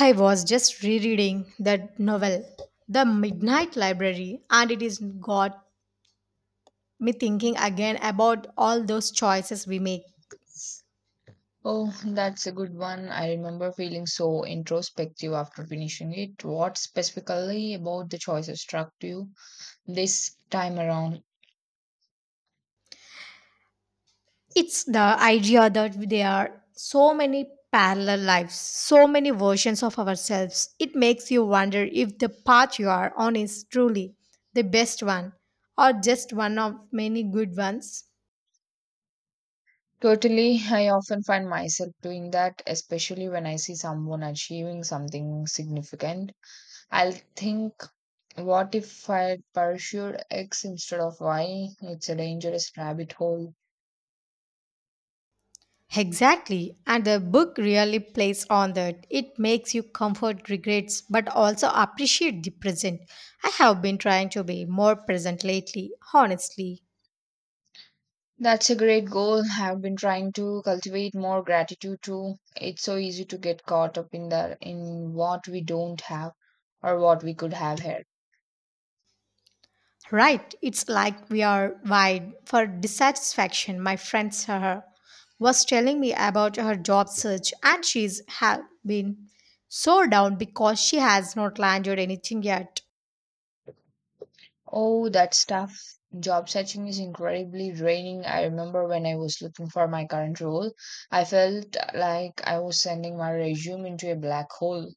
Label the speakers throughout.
Speaker 1: I was just rereading that novel, The Midnight Library, and it has got me thinking again about all those choices we make.
Speaker 2: Oh, that's a good one. I remember feeling so introspective after finishing it. What specifically about the choices struck you this time around?
Speaker 1: It's the idea that there are so many parallel lives, so many versions of ourselves. It makes you wonder if the path you are on is truly the best one or just one of many good ones.
Speaker 2: Totally, I often find myself doing that, especially when I see someone achieving something significant. I'll think, what if I pursued X instead of Y? It's a dangerous rabbit hole.
Speaker 1: Exactly, and the book really plays on that. It makes you comfort regrets but also appreciate the present. I have been trying to be more present lately, honestly.
Speaker 2: That's a great goal. I've been trying to cultivate more gratitude too. It's so easy to get caught up in what we don't have or what we could have here.
Speaker 1: Right, it's like we are wide for dissatisfaction. My friend Sarah was telling me about her job search, and she's have been so down because she has not landed anything yet.
Speaker 2: Oh, that stuff. Job searching is incredibly draining. I remember when I was looking for my current role, I felt like I was sending my resume into a black hole.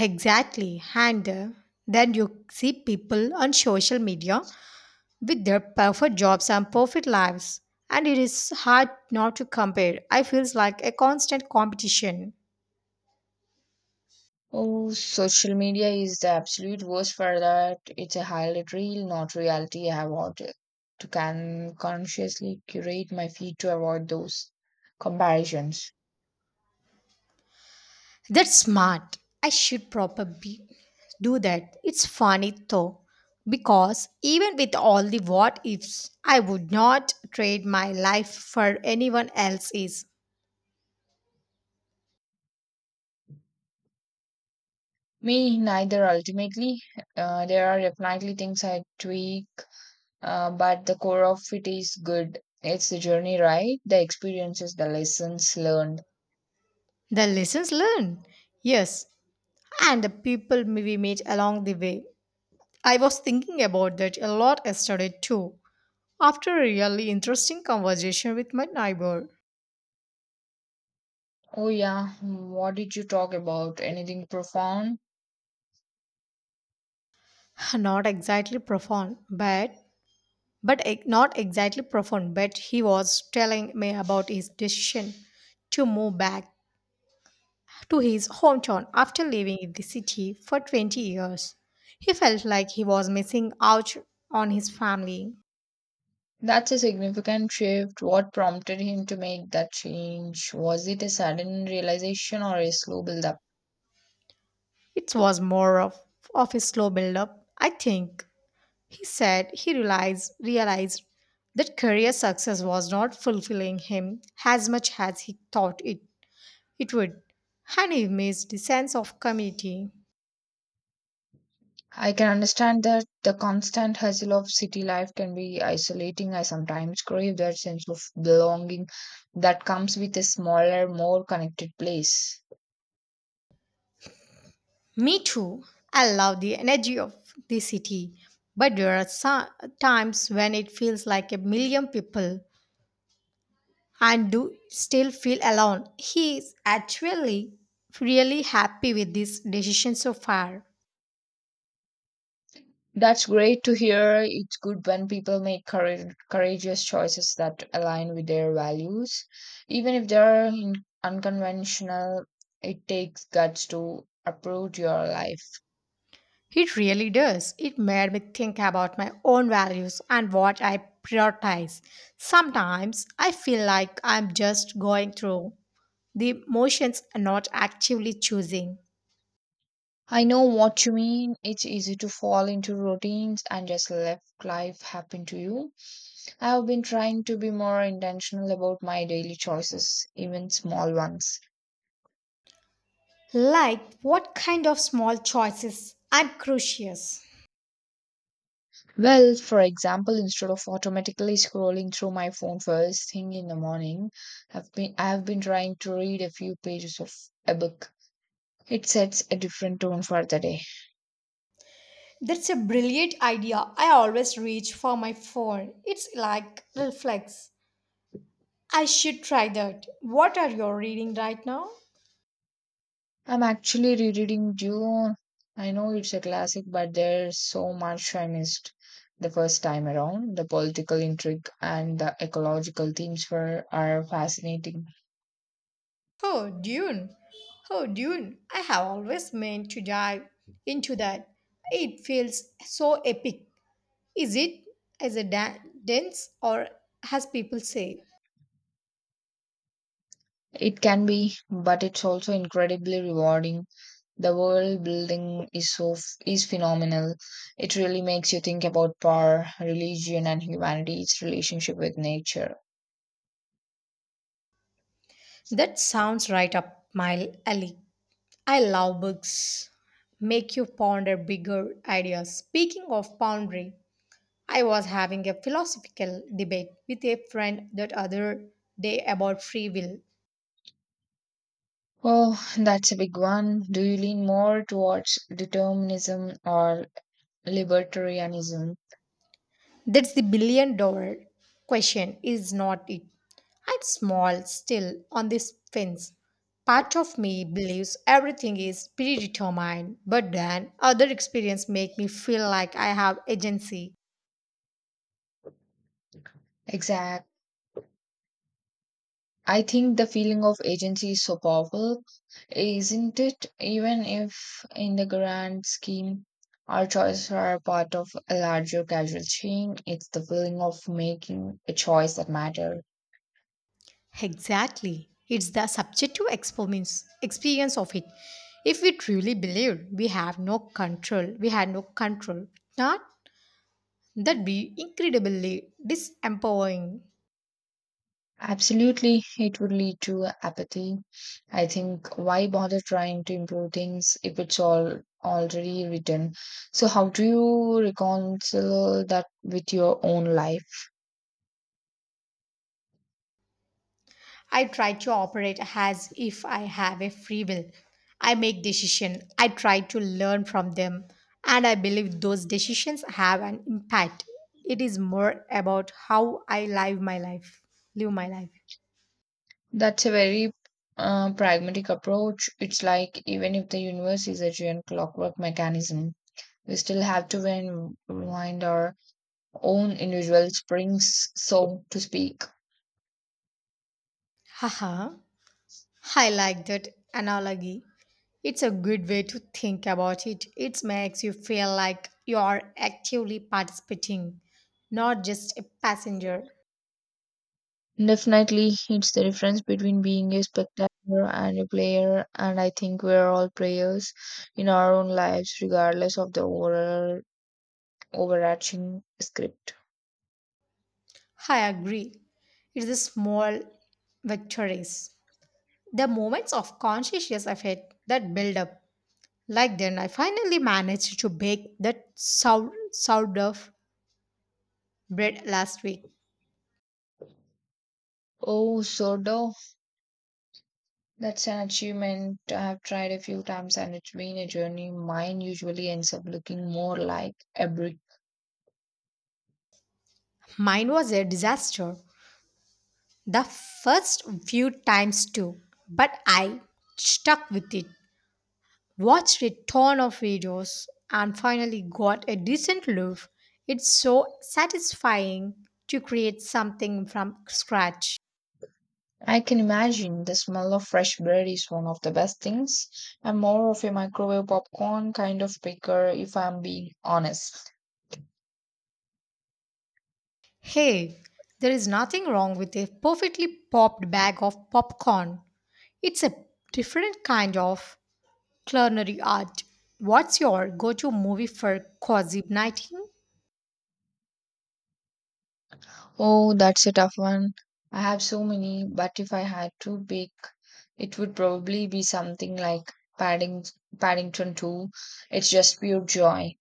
Speaker 1: Exactly. And then you see people on social media with their perfect jobs and perfect lives and it is hard not to compare I feels like a constant competition.
Speaker 2: Oh, social media is the absolute worst for that. It's a highlight reel, not reality. I have to can consciously curate my feed to avoid those comparisons.
Speaker 1: That's smart. I should probably do that. It's funny though, because even with all the what ifs, I would not trade my life for anyone else's.
Speaker 2: Me, neither ultimately. There are definitely things I tweak, but the core of it is good. It's the journey, right? The experiences, the lessons learned.
Speaker 1: The lessons learned, yes, and the people we meet along the way. I was thinking about that a lot yesterday too, after a really interesting conversation with my neighbor.
Speaker 2: Oh, yeah. What did you talk about? Anything profound?
Speaker 1: Not exactly profound, but not exactly profound, but he was telling me about his decision to move back to his hometown after living in the city for 20 years. He felt like he was missing out on his family.
Speaker 2: That's a significant shift. What prompted him to make that change? Was it a sudden realization or a slow build up?
Speaker 1: It was more of a slow build up, I think. He said he realized that career success was not fulfilling him as much as he thought it would, and he missed the sense of community.
Speaker 2: I can understand that the constant hustle of city life can be isolating. I sometimes crave that sense of belonging that comes with a smaller, more connected place.
Speaker 1: Me too. I love the energy of the city, but there are some times when it feels like a million people and do still feel alone. He is actually really happy with this decision so far.
Speaker 2: That's great to hear. It's good when people make courageous choices that align with their values. Even if they're unconventional, it takes guts to uproot your life.
Speaker 1: It really does. It made me think about my own values and what I prioritize. Sometimes I feel like I'm just going through the motions and not actively choosing.
Speaker 2: I know what you mean. It's easy to fall into routines and just let life happen to you. I have been trying to be more intentional about my daily choices, even small ones.
Speaker 1: Like what kind of small choices, I'm curious.
Speaker 2: Well, for example, instead of automatically scrolling through my phone first thing in the morning, I have been trying to read a few pages of a book. It sets a different tone for the day.
Speaker 1: That's a brilliant idea. I always reach for my phone. It's like reflex. I should try that. What are you reading right now?
Speaker 2: I'm actually rereading Dune. I know it's a classic, but there's so much I missed the first time around. The political intrigue and the ecological themes were are fascinating.
Speaker 1: Oh, Dune. Oh, Dune. I have always meant to dive into that. It feels so epic. Is it as a da- dense or as people say?
Speaker 2: It can be, but it's also incredibly rewarding. The world building is is phenomenal. It really makes you think about power, religion, and humanity's relationship with nature.
Speaker 1: That sounds right up my alley. I love books. Make you ponder bigger ideas. Speaking of pondering, I was having a philosophical debate with a friend that other day about free will.
Speaker 2: Oh, that's a big one. Do you lean more towards determinism or libertarianism?
Speaker 1: That's the billion dollar question, is not it? I'm small, still on this fence. Part of me believes everything is predetermined, but then other experiences make me feel like I have agency.
Speaker 2: Exact. I think the feeling of agency is so powerful, isn't it? Even if, in the grand scheme, our choices are part of a larger causal chain, it's the feeling of making a choice that matters.
Speaker 1: Exactly. It's the subjective experience of it. If we truly believed we have no control, we had no control. Not that be incredibly disempowering.
Speaker 2: Absolutely, it would lead to apathy. I think why bother trying to improve things if it's all already written? So, how do you reconcile that with your own life?
Speaker 1: I try to operate as if I have a free will. I make decisions, I try to learn from them, and I believe those decisions have an impact. It is more about how I live my life. Live my life.
Speaker 2: That's a very pragmatic approach. It's like even if the universe is a giant clockwork mechanism, we still have to wind our own individual springs, so to speak.
Speaker 1: Haha. I like that analogy. It's a good way to think about it. It makes you feel like you are actively participating, not just a passenger.
Speaker 2: Definitely, it's the difference between being a spectator and a player, and I think we're all players in our own lives, regardless of the overall overarching script.
Speaker 1: I agree. It's a small victories. The moments of conscious effort that build up, like then I finally managed to bake that sourdough bread last week.
Speaker 2: Oh, Sodo, that's an achievement. I have tried a few times, and it's been a journey. Mine usually ends up looking more like a brick.
Speaker 1: Mine was a disaster the first few times too, but I stuck with it, watched a ton of videos, and finally got a decent loaf. It's so satisfying to create something from scratch.
Speaker 2: I can imagine the smell of fresh bread is one of the best things. I'm more of a microwave popcorn kind of baker, if I'm being honest.
Speaker 1: Hey, there is nothing wrong with a perfectly popped bag of popcorn. It's a different kind of culinary art. What's your go to movie for cozy nighting?
Speaker 2: Oh, that's a tough one. I have so many, but if I had to pick, it would probably be something like Padding Paddington 2. It's just pure joy.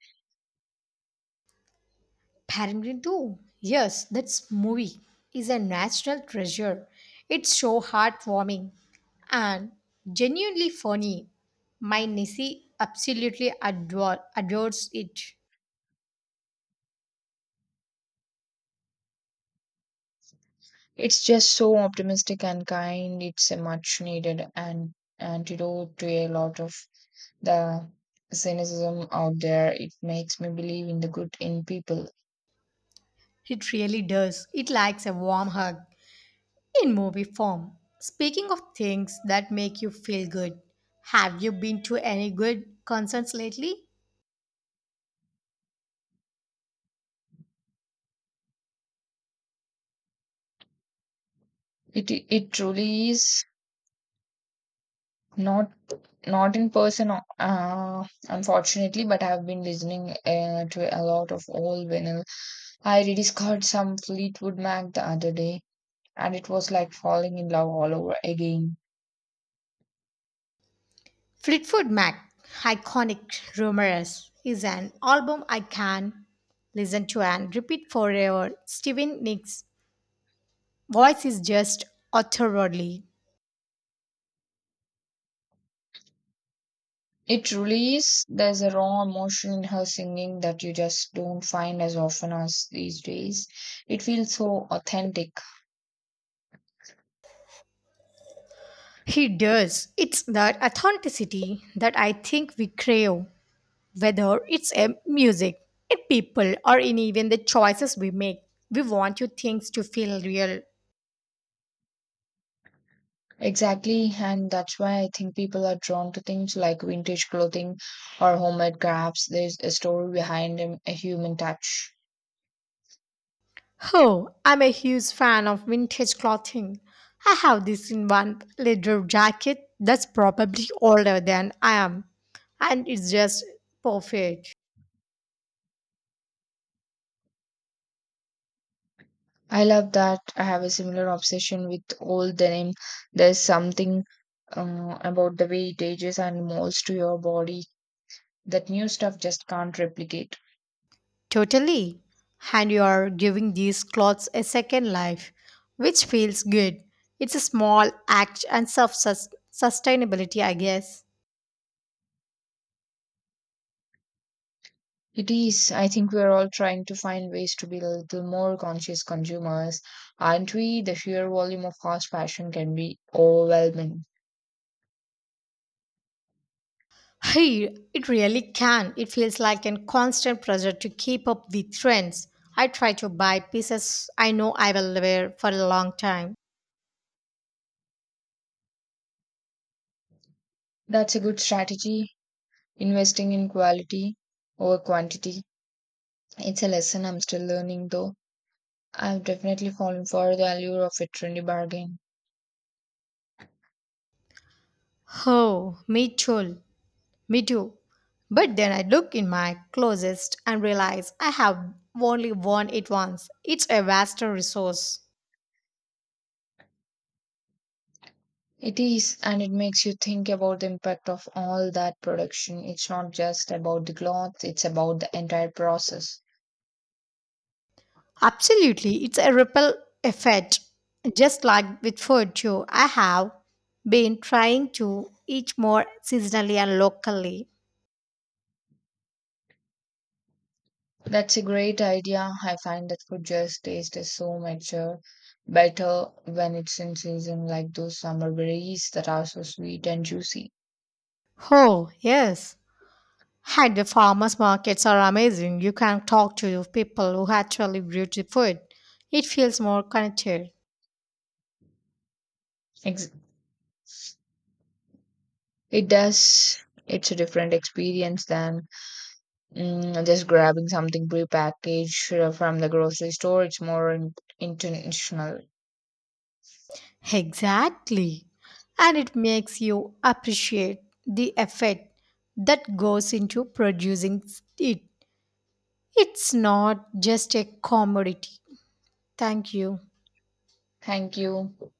Speaker 1: Paddington 2. Yes, that movie is a national treasure. It's so heartwarming and genuinely funny. My Nessie absolutely adores it.
Speaker 2: It's just so optimistic and kind. It's a much needed an antidote to a lot of the cynicism out there. It makes me believe in the good in people.
Speaker 1: It really does. It likes a warm hug in movie form. Speaking of things that make you feel good, have you been to any good concerts lately?
Speaker 2: It truly is not not in person, unfortunately, but I've been listening to a lot of old vinyl. I rediscovered some Fleetwood Mac the other day, and it was like falling in love all over again.
Speaker 1: Fleetwood Mac, iconic rumors, is an album I can listen to and repeat forever. Steven Nick's voice is just utterly.
Speaker 2: It truly is. There's a raw emotion in her singing that you just don't find as often as these days. It feels so authentic.
Speaker 1: He does. It's that authenticity that I think we crave, whether it's in music, in people, or in even the choices we make. We want you things to feel real.
Speaker 2: Exactly, and that's why I think people are drawn to things like vintage clothing or homemade crafts. There's a story behind them, a human touch.
Speaker 1: Oh, I'm a huge fan of vintage clothing. I have this in one leather jacket that's probably older than I am, and it's just perfect.
Speaker 2: I love that. I have a similar obsession with old denim. There's something about the way it ages and molds to your body that new stuff just can't replicate.
Speaker 1: Totally. And you are giving these clothes a second life, which feels good. It's a small act and self sustainability, I guess.
Speaker 2: It is. I think we're all trying to find ways to be a little more conscious consumers, aren't we? The sheer volume of fast fashion can be overwhelming.
Speaker 1: Hey, it really can. It feels like a constant pressure to keep up the trends. I try to buy pieces I know I will wear for a long time.
Speaker 2: That's a good strategy. Investing in quality over quantity. It's a lesson I'm still learning, though. I've definitely fallen for the allure of a trendy bargain.
Speaker 1: Oh, me too. Me too. But then I look in my closet and realize I have only worn it once. It's a vast resource.
Speaker 2: It is, and it makes you think about the impact of all that production. It's not just about the cloth, it's about the entire process.
Speaker 1: Absolutely, it's a ripple effect. Just like with food too, I have been trying to eat more seasonally and locally.
Speaker 2: That's a great idea. I find that food just tastes so much better when it's in season, like those summer berries that are so sweet and juicy.
Speaker 1: Oh, yes. Had the farmers markets are amazing. You can talk to people who actually grew the food. It feels more connected.
Speaker 2: Ex- It does. It's a different experience than just grabbing something prepackaged from the grocery store. It's more intentional.
Speaker 1: Exactly. And it makes you appreciate the effort that goes into producing it. It's not just a commodity. Thank you.
Speaker 2: Thank you.